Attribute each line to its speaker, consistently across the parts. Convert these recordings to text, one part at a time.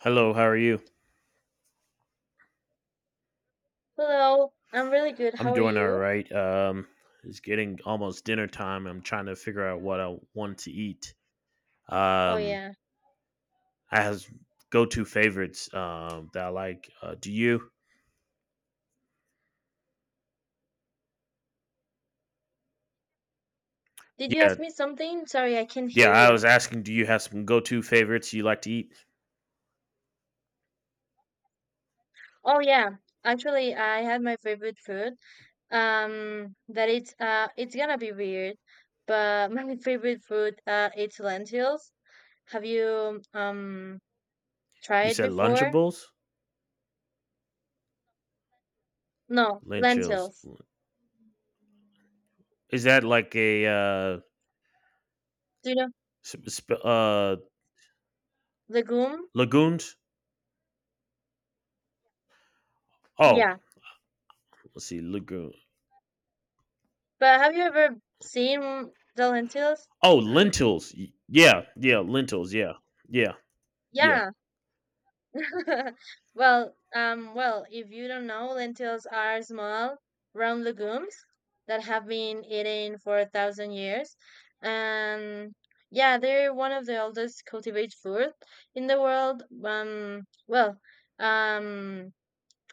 Speaker 1: Hello, how are you?
Speaker 2: Hello, I'm really good.
Speaker 1: I'm
Speaker 2: How are
Speaker 1: doing all
Speaker 2: you?
Speaker 1: right. It's getting almost dinner time. I'm trying to figure out what I want to eat.
Speaker 2: Oh,
Speaker 1: Um,
Speaker 2: yeah.
Speaker 1: I have go-to favorites that I like. Do you?
Speaker 2: Did you
Speaker 1: Yeah,
Speaker 2: ask me something? Sorry, I can't
Speaker 1: yeah.
Speaker 2: hear
Speaker 1: I
Speaker 2: you.
Speaker 1: was asking, do you have some go-to favorites you like to eat?
Speaker 2: Oh, yeah. Actually, I had my favorite food. That it's gonna be weird, but my favorite food, it's lentils. Have you
Speaker 1: You
Speaker 2: tried
Speaker 1: said
Speaker 2: before?
Speaker 1: Lunchables,
Speaker 2: No,
Speaker 1: Lunchables.
Speaker 2: lentils.
Speaker 1: Is that like a
Speaker 2: Do you know
Speaker 1: sp- sp- uh,
Speaker 2: legume?
Speaker 1: lagoons? Oh,
Speaker 2: Yeah.
Speaker 1: let's see, lagoon.
Speaker 2: But have you ever seen the lentils?
Speaker 1: Oh, lentils. Yeah, yeah, lentils. Yeah, yeah, yeah.
Speaker 2: Yeah. Well, if you don't know, lentils are small, round legumes that have been eaten for 1,000 years, and yeah, they're one of the oldest cultivated food in the world. Um,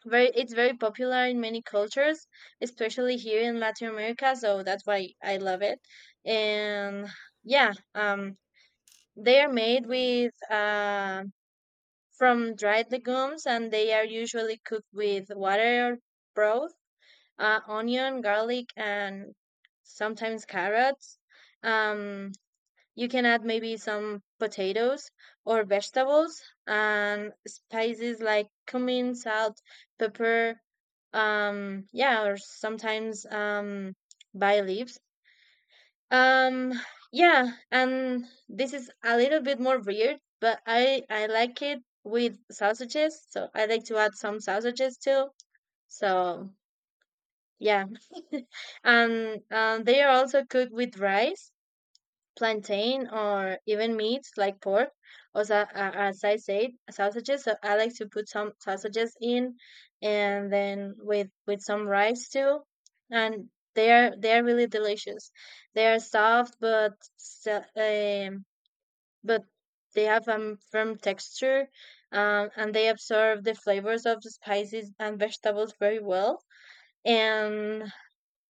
Speaker 2: it's very popular in many cultures, especially here in Latin America. So that's why I love it, and yeah, they are made with from dried legumes, and they are usually cooked with water or broth, onion, garlic, and sometimes carrots. Um, you can add maybe some potatoes or vegetables and spices like cumin, salt, pepper, yeah, or sometimes, bay leaves. Um, yeah, and this is a little bit more weird, but I like it with sausages, so I like to add some sausages too. So yeah. And they are also cooked with rice, plantain, or even meats like pork. Also, as I said, sausages. So I like to put some sausages in, and then with some rice too, and they are really delicious. They are soft, but they have a firm texture, and they absorb the flavors of the spices and vegetables very well. And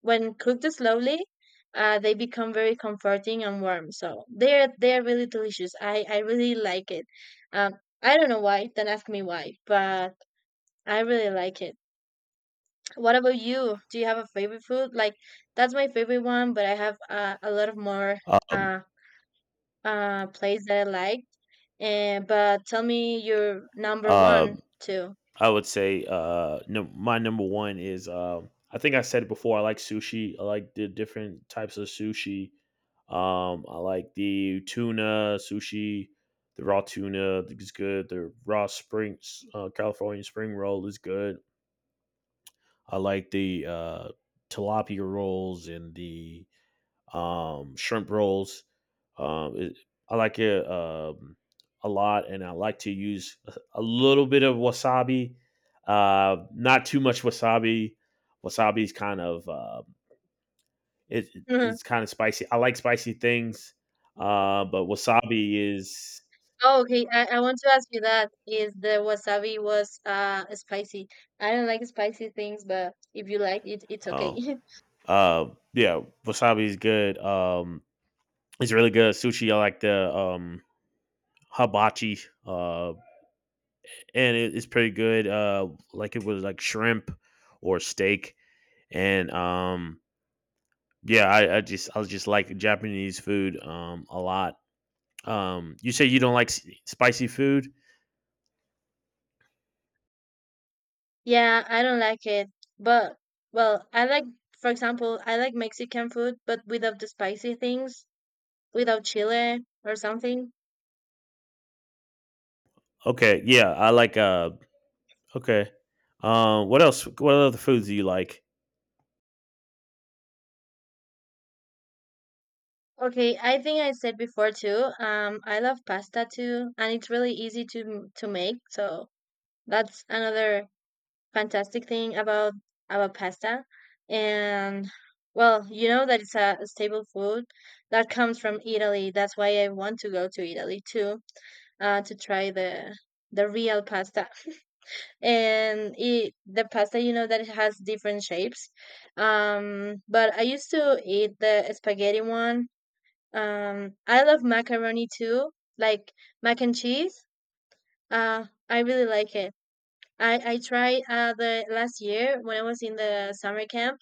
Speaker 2: when cooked slowly, they become very comforting and warm. So they're really delicious. I really like it. Um, I don't know why. Don't ask me why, but I really like it. What about you? Do you have a favorite food? Like, that's my favorite one, but I have, a lot of more
Speaker 1: Um,
Speaker 2: uh plays that I like. And but tell me your number one
Speaker 1: um,
Speaker 2: too.
Speaker 1: I would say no, my number one is I think I said it before, I like sushi. I like the different types of sushi. I like the tuna sushi, the raw tuna is good. The raw spring California spring roll is good. I like the tilapia rolls and the shrimp rolls. Um, it, I like it a lot, and I like to use a little bit of wasabi. Not too much wasabi. Wasabi is kind of it, it's kind of spicy. I like spicy things, but wasabi is
Speaker 2: Oh, okay. I want to ask you that is the wasabi was spicy. I don't like spicy things, but if you like it, it's okay.
Speaker 1: oh uh, yeah, wasabi is good. It's really good sushi. I like the hibachi. Uh, and it's pretty good. Like it was like shrimp or steak, and yeah, I just like Japanese food a lot. You say you don't like spicy food.
Speaker 2: Yeah, I don't like it. But well, I like for example, I like Mexican food, but without the spicy things, without chile or something.
Speaker 1: Okay, yeah, I like okay. What else? What other foods do you like?
Speaker 2: Okay, I think I said before too. I love pasta too, and it's really easy to to make. So that's another fantastic thing about pasta, and, well, you know that it's a staple food that comes from Italy. That's why I want to go to Italy too, to try the real pasta. And the pasta, you know that it has different shapes. But I used to eat the spaghetti one. I love macaroni too, like mac and cheese. I really like it. I tried, the last year when I was in the summer camp.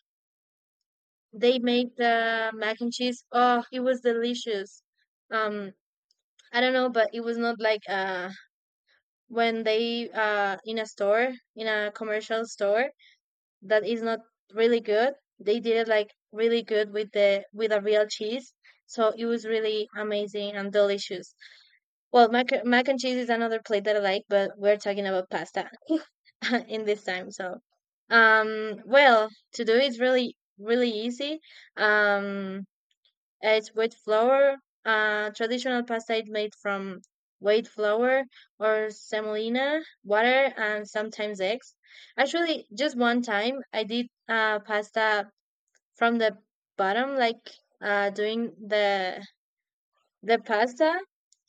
Speaker 2: They made the mac and cheese. Oh, it was delicious. Um, I don't know, but it was not like, when they, in a store, in a commercial store, that is not really good. They did it like really good with the with a real cheese. So it was really amazing and delicious. Well, mac and cheese is another plate that I like, but we're talking about pasta in this time. So, um, well, to do it's really, really easy. Um, it's wheat flour. Traditional pasta is made from wheat flour or semolina, water, and sometimes eggs. Actually, just one time I did, pasta from the bottom, like, doing the pasta,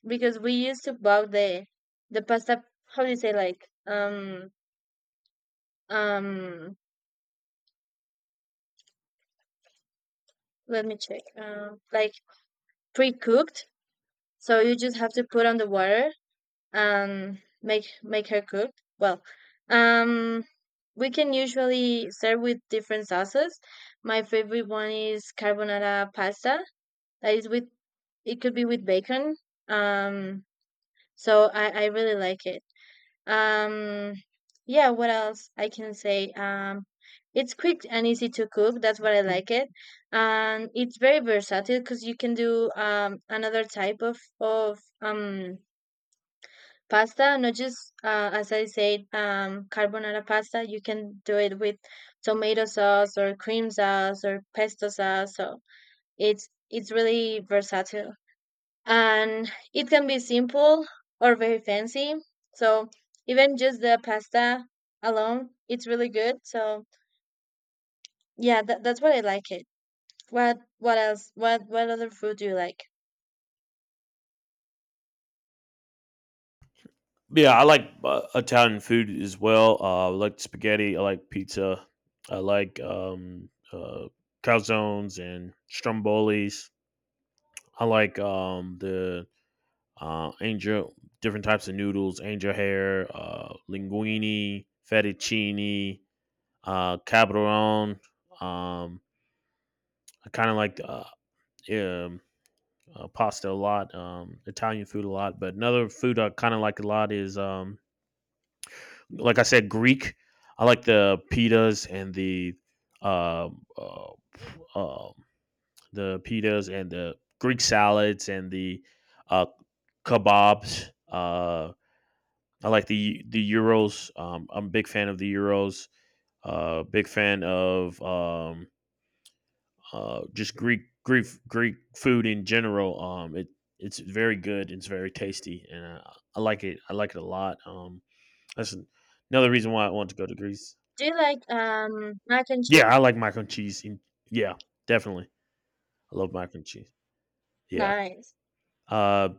Speaker 2: because we used to buy the pasta. How do you say, like, um um let me check. Like pre-cooked, so you just have to put on the water and make her cook. Well, um, we can usually serve with different sauces. My favorite one is carbonara pasta. That is with, it could be with bacon. Um, so I really like it. Um, yeah, what else I can say? It's quick and easy to cook. That's what I like it, and it's very versatile because you can do, another type of pasta, not just, as I said, carbonara pasta. You can do it with tomato sauce or cream sauce or pesto sauce. So it's really versatile, and it can be simple or very fancy. So even just the pasta alone, it's really good. So yeah, that, that's what I like it. What else? What other food do you like?
Speaker 1: Yeah, I like Italian food as well. I like spaghetti. I like pizza. I like calzones and strombolis. I like uh, angel, different types of noodles, angel hair, linguine, fettuccine, cabron. Um, I kind of like um, pasta a lot, Italian food a lot. But another food I kind of like a lot is like I said, Greek. I like the pitas and the uh, uh, uh, Greek salads and the uh, kebabs. I like the euros. I'm a big fan of the euros. Big fan of just Greek food in general. It's very good. It's very tasty, and I like it. I like it a lot. That's another reason why I want to go to Greece.
Speaker 2: Do you like mac and cheese?
Speaker 1: Yeah, I like mac and cheese. Yeah, definitely. I love mac and cheese. Yeah.
Speaker 2: Nice.
Speaker 1: Uh,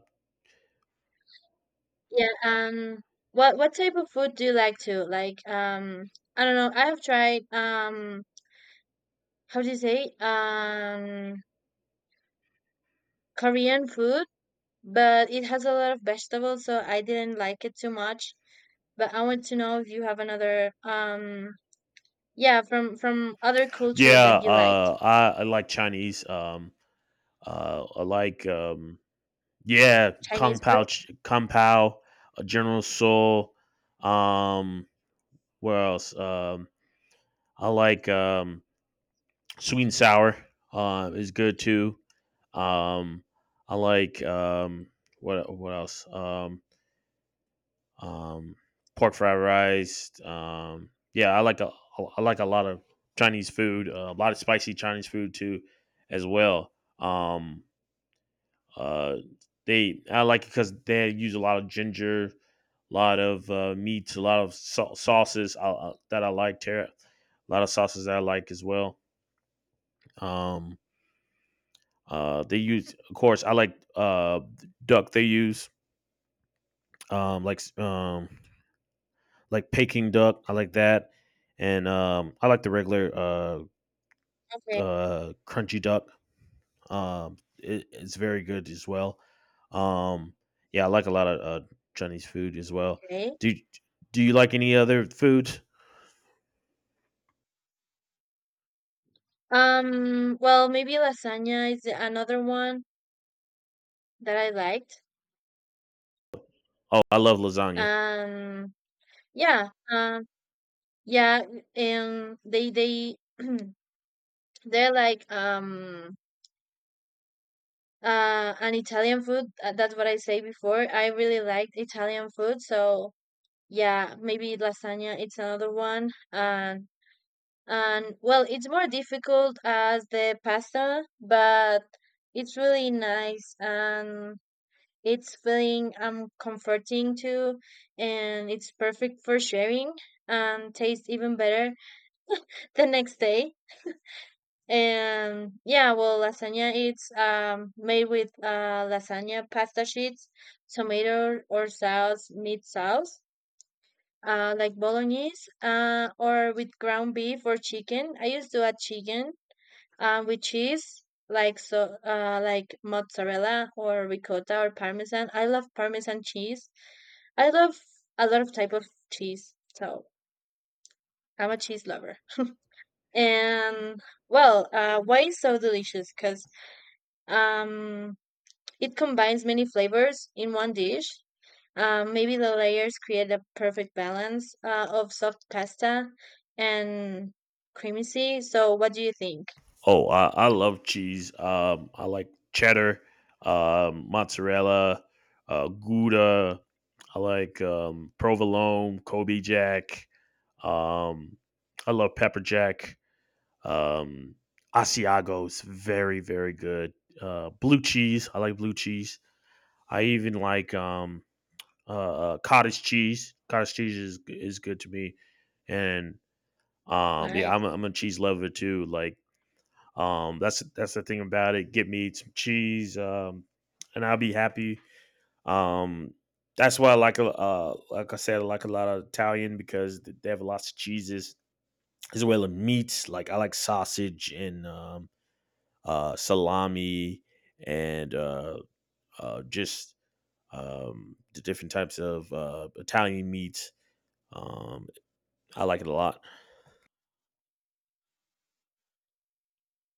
Speaker 2: Yeah. What type of food do you like to like? I don't know. I have tried, how do you say, Korean food, but it has a lot of vegetables, so I didn't like it too much. But I want to know if you have another, yeah, from other culture
Speaker 1: yeah.
Speaker 2: that you liked.
Speaker 1: I like Chinese. I like yeah,
Speaker 2: Chinese food.
Speaker 1: kung pao, General Soul. Um, where else? I like sweet and sour. Is good too. Um, I like what else? Um, pork fried rice. Yeah, I like a lot of Chinese food, a lot of spicy Chinese food too, as well. Um, uh, they I like it because they use a lot of ginger, a lot of meats, a lot of sauces that I like. Tara, a lot of sauces that I like as well. Um, they use, of course, I like duck. They use um, like um, like Peking duck. I like that, and I like the regular
Speaker 2: Okay,
Speaker 1: crunchy duck. It's very good as well. Um, yeah, I like a lot of Chinese food as well.
Speaker 2: okay.
Speaker 1: Do do you like any other foods?
Speaker 2: Well, maybe lasagna is another one that I liked.
Speaker 1: Oh, I love lasagna.
Speaker 2: Um yeah. Yeah, and they're like, an Italian food. That's what I say before. I really liked Italian food, so yeah, maybe lasagna it's another one. Uh, and well, it's more difficult as the pasta, but it's really nice, and it's feeling, comforting too, and it's perfect for sharing, and tastes even better the next day. And yeah, well, lasagna, it's made with, lasagna pasta sheets, tomato or sauce, meat sauce, like bolognese, or with ground beef or chicken. I used to add chicken. With cheese, like mozzarella or ricotta or parmesan. I love parmesan cheese. I love a lot of type of cheese. So I'm a cheese lover. And, well, why it's so delicious? Because, um, it combines many flavors in one dish. Maybe the layers create a perfect balance, of soft pasta and creamy. So, what do you think?
Speaker 1: Oh, I love cheese. I like cheddar, mozzarella, Gouda. I like provolone, Kobe Jack. Um, I love pepper jack. Um, Asiago's very very good. Blue cheese. I like blue cheese. I even like cottage cheese. Cottage cheese is good to me, and yeah,
Speaker 2: Nice,
Speaker 1: I'm a cheese lover too. Like that's the thing about it. Get me some cheese, and I'll be happy. Um, that's why like I said, I like a lot of Italian because they have lots of cheeses as well as meats. Like I like sausage and salami and just the different types of Italian meats. Um, I like it a lot.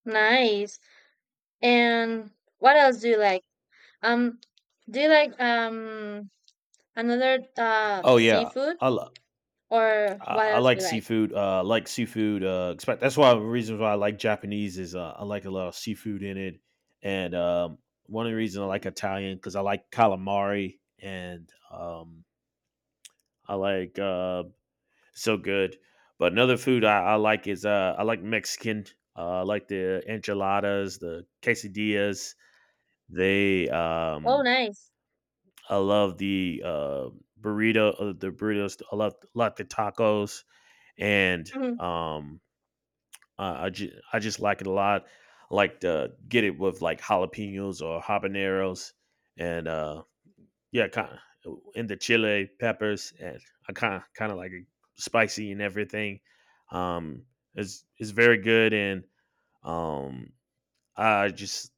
Speaker 2: nice. And what else do you like? Um, do you like another
Speaker 1: Oh yeah,
Speaker 2: seafood,
Speaker 1: I,
Speaker 2: or what
Speaker 1: I
Speaker 2: else
Speaker 1: like
Speaker 2: do you like?
Speaker 1: seafood. I like seafood. Expect that's why the reasons why I like Japanese is I like a lot of seafood in it, and one of the reasons I like Italian because I like calamari and I like so good. But another food I like is I like Mexican. I like the enchiladas, the quesadillas. They
Speaker 2: Oh, nice.
Speaker 1: I love the the burritos. I love, love the tacos and um uh, I just like it a lot. I like to get it with like jalapenos or habaneros, and yeah, kind of in the chili peppers, and I kind of like it spicy and everything. Um, it's very good, and um, I just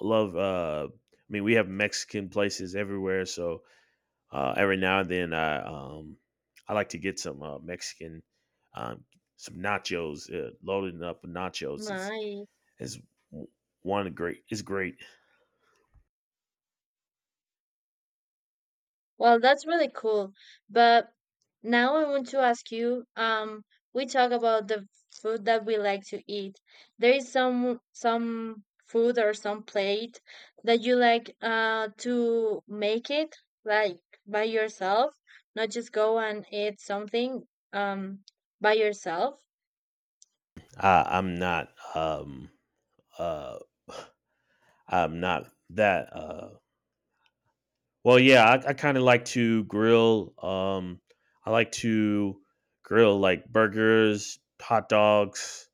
Speaker 1: love. I mean, we have Mexican places everywhere, so every now and then I like to get some Mexican um, some nachos, loading up with nachos. It's
Speaker 2: Nice.
Speaker 1: is one great is great.
Speaker 2: Well, that's really cool. But now I want to ask you, we talk about the food that we like to eat. There is some food or some plate that you like, to make it, like, by yourself, not just go and eat something, um by yourself.
Speaker 1: I, I'm not um uh I'm not that well, yeah, I kind of like to grill I like to grill like burgers, hot dogs,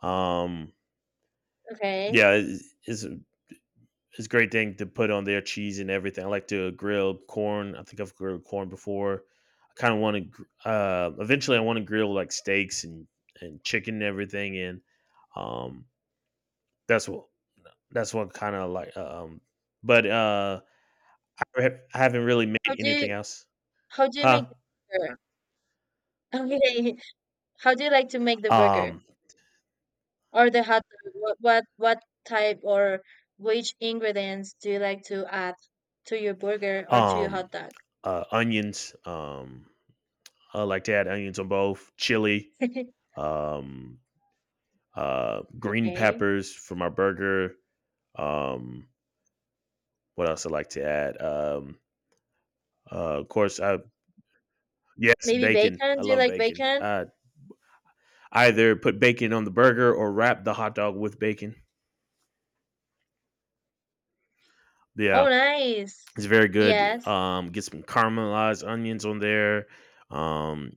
Speaker 1: um
Speaker 2: Okay.
Speaker 1: yeah, it's a great thing to put on there, cheese and everything. I like to grill corn. I think I've grilled corn before. I kind of want to. Eventually, I want to grill like steaks and chicken and everything. And um, that's what that's what kind of like. But uh, I, ha- I haven't really
Speaker 2: How
Speaker 1: made
Speaker 2: do
Speaker 1: anything
Speaker 2: you
Speaker 1: else,
Speaker 2: how do you make
Speaker 1: huh?
Speaker 2: the burger? Okay. How do you like to make the burger?
Speaker 1: Um,
Speaker 2: Or the hot dog, what what type or which ingredients do you like to add to your burger or to your
Speaker 1: um,
Speaker 2: hot dog?
Speaker 1: Onions. I like to add onions on both, chili. Um, Green
Speaker 2: Okay.
Speaker 1: peppers for my burger. Um, What else I like to add? Uh, of course, I, yes,
Speaker 2: Maybe
Speaker 1: bacon.
Speaker 2: bacon?
Speaker 1: I
Speaker 2: Do you
Speaker 1: love
Speaker 2: like
Speaker 1: bacon.
Speaker 2: bacon?
Speaker 1: Either put bacon on the burger or wrap the hot dog with bacon. Yeah,
Speaker 2: Oh, nice.
Speaker 1: it's very good.
Speaker 2: Yes,
Speaker 1: Get some caramelized onions on there. Um,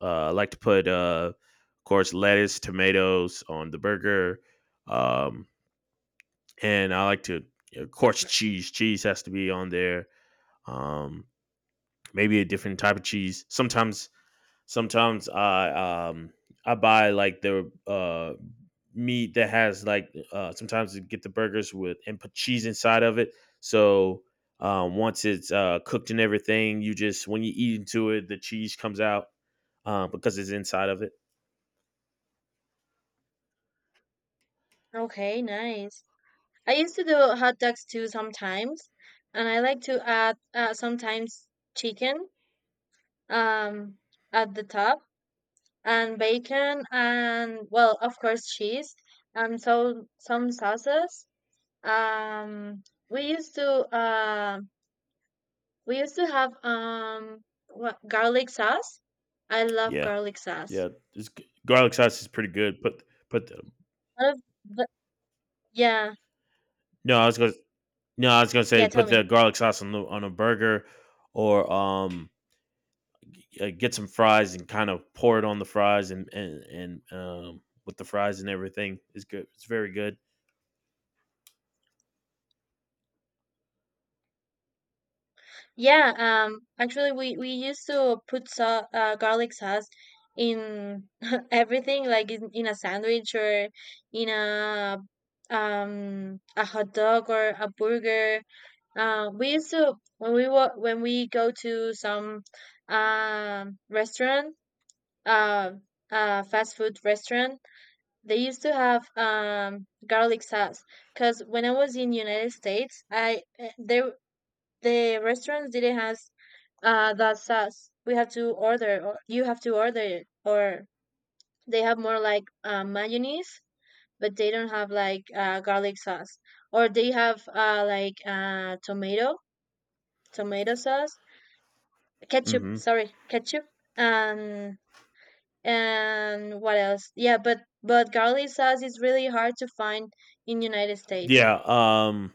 Speaker 1: I like to put, of course, lettuce, tomatoes on the burger. Um, and I like to, of
Speaker 2: of
Speaker 1: course,
Speaker 2: course.
Speaker 1: cheese. Cheese has to be on there. Um, maybe a different type of cheese. Sometimes I buy like the meat that has like sometimes you get the burgers with and put cheese inside of it. So once it's cooked and everything, you just when you eat into it, the cheese comes out because it's inside of it.
Speaker 2: Okay, nice. I used to do hot dogs too sometimes, and I like to add, sometimes chicken, um at the top, and bacon and, well, of course, cheese and so some sauces. Um, we used to um we used to have, what, garlic sauce. I love
Speaker 1: Yeah.
Speaker 2: garlic sauce.
Speaker 1: Yeah. Garlic sauce is pretty good. Put the,
Speaker 2: I love the, yeah,
Speaker 1: no, I was going to no, I was going to
Speaker 2: yeah.
Speaker 1: say
Speaker 2: Tell
Speaker 1: put the
Speaker 2: me.
Speaker 1: garlic sauce on the on a burger or get some fries and kind of pour it on the fries and with the fries and everything is good. It's very good.
Speaker 2: Yeah. Actually, we used to put, garlic sauce in everything, like, in a sandwich or in a hot dog or a burger. We used to, when when we go to some, restaurant, uh, a fast food restaurant, they used to have, garlic sauce. Because when I was in United States, there the restaurants didn't have, that sauce. We have to order, or you have to order it, or they have more like, mayonnaise, but they don't have like, garlic sauce, or they have, like, tomato, sauce, ketchup.
Speaker 1: Hmm.
Speaker 2: Sorry, ketchup. And And what else? Yeah, but garlic sauce is really hard to find in United States.
Speaker 1: Yeah. Um.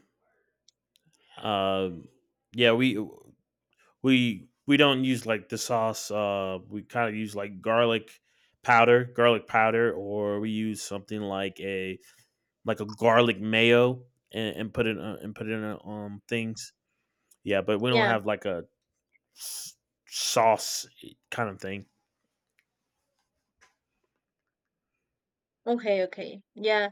Speaker 1: Um. Yeah. We don't use like the sauce. Uh, we kind of use like garlic powder, or we use something like a garlic mayo and put it in things. Yeah, but we don't
Speaker 2: Yeah.
Speaker 1: have like a s- sauce kind of thing.
Speaker 2: Okay, okay. Yeah.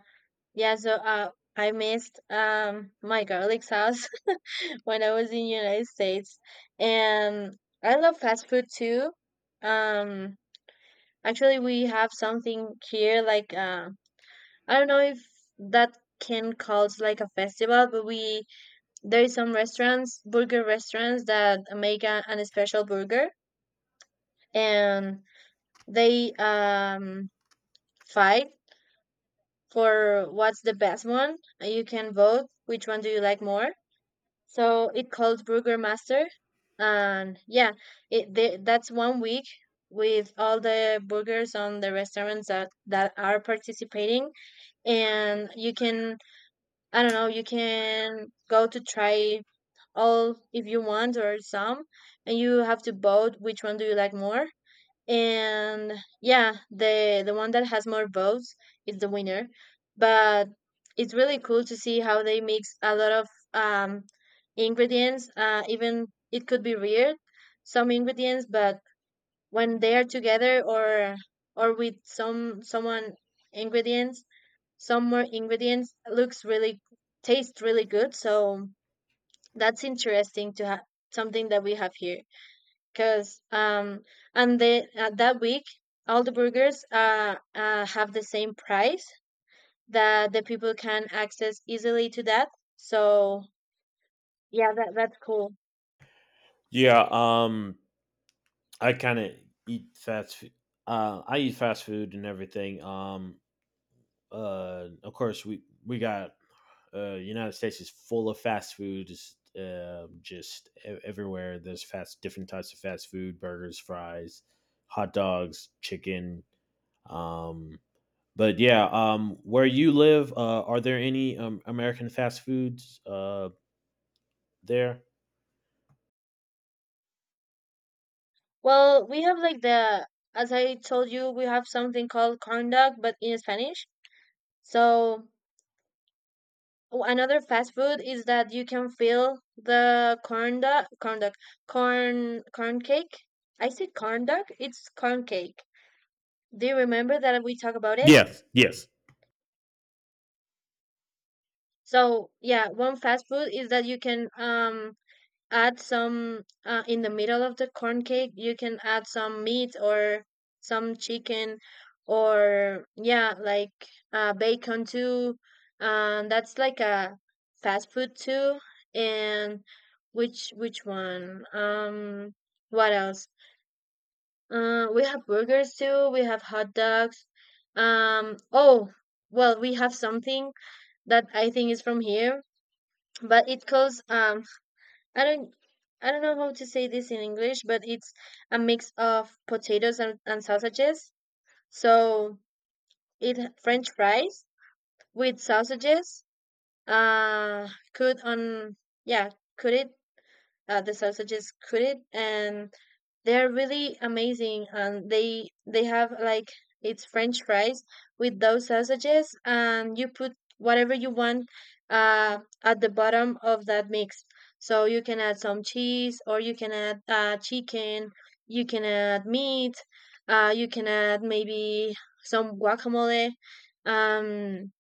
Speaker 2: Yeah, I missed, my garlic sauce when I was in United States. And I love fast food too. Um Actually, we have something here, like, I don't know if that can calls like a festival, but we there is some restaurants, burger restaurants that make an special burger, and they, fight for what's the best one. And you can vote which one do you like more. So it called Burgermaster, and yeah, that's one week with all the burgers on the restaurants that are participating, and you can I don't know, you can go to try all if you want, or some, and you have to vote which one do you like more. And yeah, the one that has more votes is the winner. But it's really cool to see how they mix a lot of um ingredients, even it could be weird some ingredients, but when they are together or with some someone ingredients, some more ingredients looks really, tastes really good. So that's interesting to have something that we have here. Cause, and then that week, all the burgers have the same price that the people can access easily to that. So yeah, that's cool.
Speaker 1: Yeah. Um, I kind of eat fast food. I eat fast food and everything. Of course, we got United States is full of fast food. Just, everywhere. There's fast, different types of fast food: burgers, fries, hot dogs, chicken. Um, but yeah, where you live, are there any American fast foods there?
Speaker 2: Well, we have like the, as I told you, we have something called corn dog, but in Spanish. So oh, another fast food is that you can fill the corn dog, corn cake. I said corn dog. It's corn cake. Do you remember that we talked about it?
Speaker 1: Yes, yes,
Speaker 2: So yeah, one fast food is that you can add some in the middle of the corn cake. You can add some meat or some chicken, or yeah, like bacon too. That's like a fast food too. And which one? What else? We have burgers too. We have hot dogs. Oh, well, we have something that I think is from here, but it calls I don't, I don't know how to say this in English, but it's a mix of potatoes and sausages. So it French fries with sausages, could on yeah, could it the sausages coated, and they're really amazing, and they have like, it's french fries with those sausages, and you put whatever you want at the bottom of that mix. So you can add some cheese, or you can add chicken, you can add meat, you can add maybe some guacamole, um,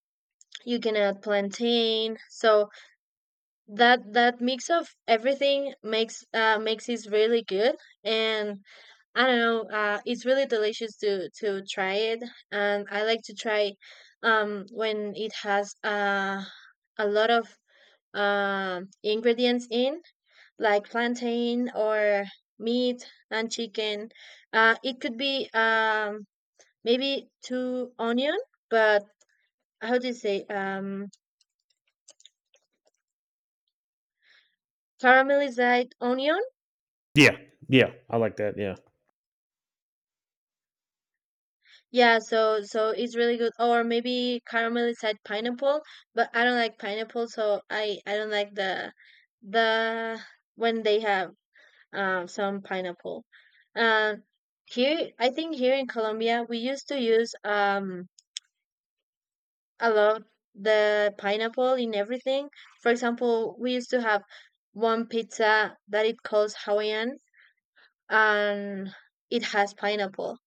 Speaker 2: you can add plantain. So that mix of everything makes makes it really good. And I don't know, it's really delicious to try it. And I like to try when it has a lot of ingredients in, like plantain or meat and chicken. It could be maybe two onion, but how do you say caramelized onion?
Speaker 1: yeah. Yeah, I like that. Yeah.
Speaker 2: Yeah, so so it's really good. Or maybe caramelized pineapple, but I don't like pineapple, so I don't like the, when they have some pineapple. Um, here, I think here in Colombia we used to use a lot the pineapple in everything. For example, we used to have one pizza that it calls Hawaiian, and it has pineapple.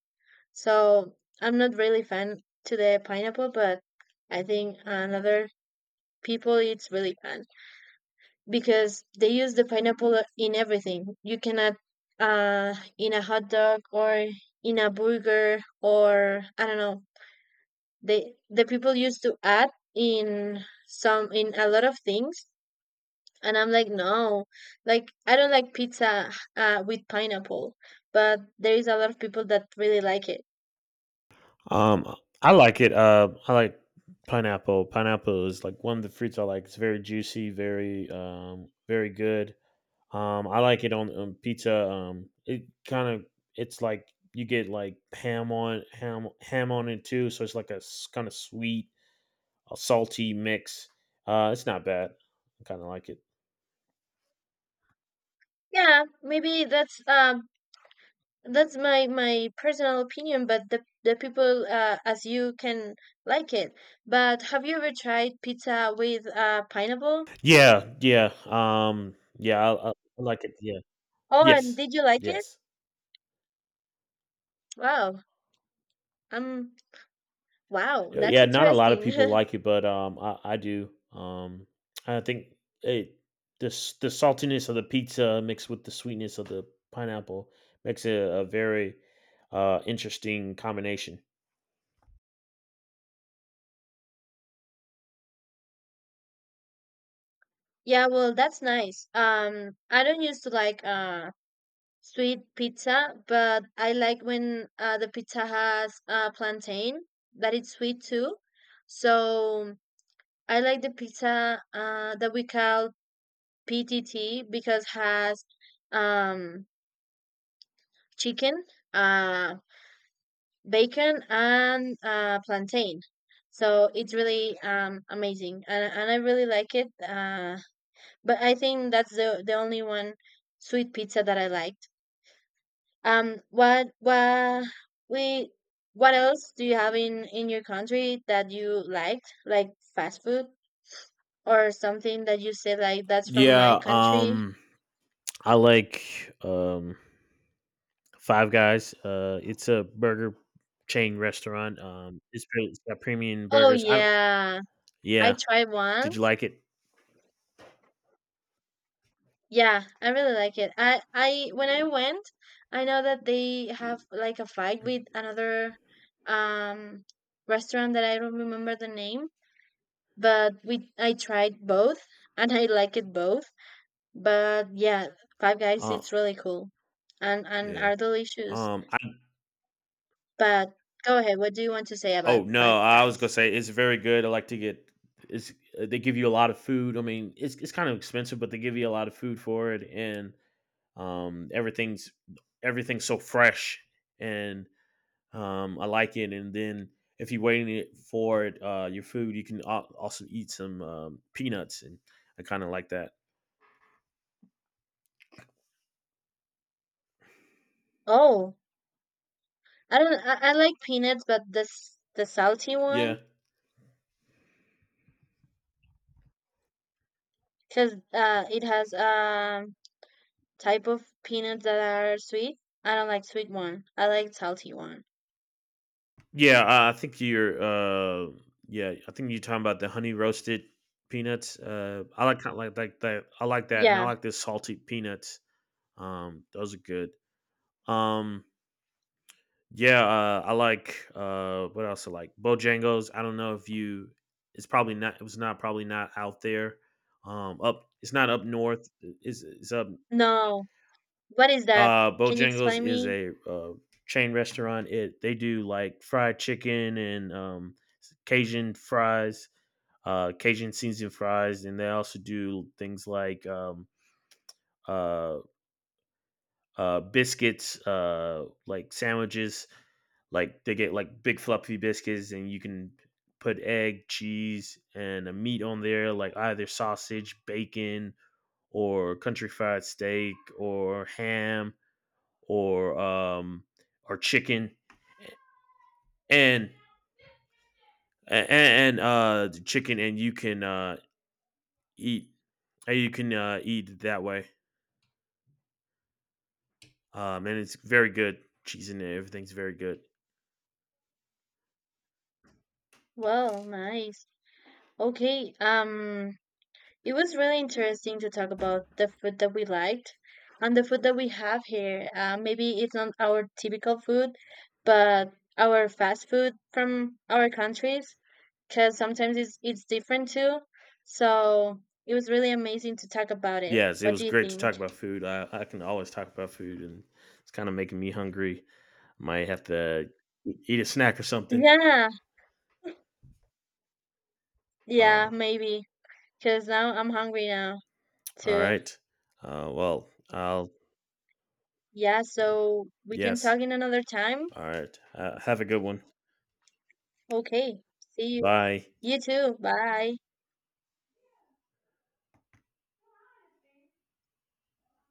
Speaker 2: So I'm not really fan to the pineapple, but I think another people it's really fan because they use the pineapple in everything. You cannot, in a hot dog, or in a burger, or I don't know. They, the people used to add in some, in a lot of things, and I'm like no. Like I don't like pizza with pineapple, but there is a lot of people that really like it.
Speaker 1: Um, I like it. I like pineapple. Pineapple is like one of the fruits I like. It's very juicy, very very good. I like it on pizza. It kind of it's like you get like ham on ham on it too, so it's like a kind of sweet, a salty mix. It's not bad. I kind of like it.
Speaker 2: Yeah, maybe that's my personal opinion, but the people, as you can, like it. But have you ever tried pizza with pineapple?
Speaker 1: Yeah, yeah. Yeah. I like it. Yeah.
Speaker 2: Oh, and
Speaker 1: Yes.
Speaker 2: did you like it?
Speaker 1: Yes.
Speaker 2: Wow. um wow, that's
Speaker 1: Yeah, not a lot of
Speaker 2: interesting.
Speaker 1: people like it, but I do. I think it the the saltiness of the pizza mixed with the sweetness of the pineapple makes it a very interesting combination.
Speaker 2: Yeah, well, that's nice. I don't used to like sweet pizza, but I like when the pizza has plantain, that it's sweet too. So I like the pizza that we call PTT because has um, chicken, uh, bacon, and plantain. So it's really amazing, and I really like it. But I think that's the only one sweet pizza that I liked. What we, what else do you have in your country that you liked, like fast food, or something that you say like that's from my
Speaker 1: Yeah.
Speaker 2: country?
Speaker 1: I like Five Guys. It's a burger chain restaurant. It's got premium
Speaker 2: Oh
Speaker 1: burgers. I don't.
Speaker 2: yeah, I
Speaker 1: Yeah.
Speaker 2: tried one.
Speaker 1: Did you like it?
Speaker 2: Yeah, I really like it. I when I went, I know that they have like a fight with another um restaurant that I don't remember the name, but we I tried both, and I like it both. But yeah, Five Guys
Speaker 1: Uh,
Speaker 2: it's really cool, and
Speaker 1: yeah.
Speaker 2: are delicious.
Speaker 1: Um,
Speaker 2: But go ahead, what do you want to say about
Speaker 1: oh,
Speaker 2: Five
Speaker 1: no, I was gonna
Speaker 2: Guys?
Speaker 1: say it's very good. I like to get it's they give you a lot of food. I mean, it's kind of expensive, but they give you a lot of food for it, and um, everything's everything's so fresh, and I like it. And then if you're waiting it for it, your food, you can also eat some peanuts, and I kind of like that.
Speaker 2: Oh, I don't, I like peanuts, but this the salty one,
Speaker 1: Yeah.
Speaker 2: because it has type of peanuts that are sweet. I don't like sweet one. I like salty one.
Speaker 1: Yeah, I think you're. Yeah, I think you're talking about the honey roasted peanuts. I like like that. I like that, and I
Speaker 2: Yeah.
Speaker 1: like the salted peanuts. Those are good. Um, yeah, I like. What else I like? Bojangles. I don't know if you. It's probably not. It was not probably not out there. Up. It's not up north. Is It's up.
Speaker 2: No. What is that? Can you
Speaker 1: Bojangles
Speaker 2: explain
Speaker 1: is
Speaker 2: me?
Speaker 1: a chain restaurant. It, they do like fried chicken and Cajun fries, Cajun seasoned fries, and they also do things like uh, biscuits, like sandwiches. Like they get like big fluffy biscuits, and you can put egg, cheese, and a meat on there, like either sausage, bacon, or country fried steak, or ham or um or chicken and chicken and you can eat and you can eat it that way. Um, and it's very good. Cheese in it, everything's very good.
Speaker 2: Well, nice. Okay. It was really interesting to talk about the food that we liked and the food that we have here. Maybe it's not our typical food, but our fast food from our countries, because sometimes it's different too. So it was really amazing to talk about it.
Speaker 1: Yes, it
Speaker 2: What do
Speaker 1: was
Speaker 2: you
Speaker 1: great to talk
Speaker 2: think?
Speaker 1: about food. I can always talk about food and it's kind of making me hungry. Might have to eat a snack or something.
Speaker 2: Yeah.
Speaker 1: Uh
Speaker 2: Yeah, maybe. Because now I'm hungry now,
Speaker 1: all
Speaker 2: too.
Speaker 1: right. Well, I'll
Speaker 2: Yeah, so we can
Speaker 1: Yes.
Speaker 2: talk in another time?
Speaker 1: All right. Have a good one.
Speaker 2: Okay. See you.
Speaker 1: Bye.
Speaker 2: You too. Bye.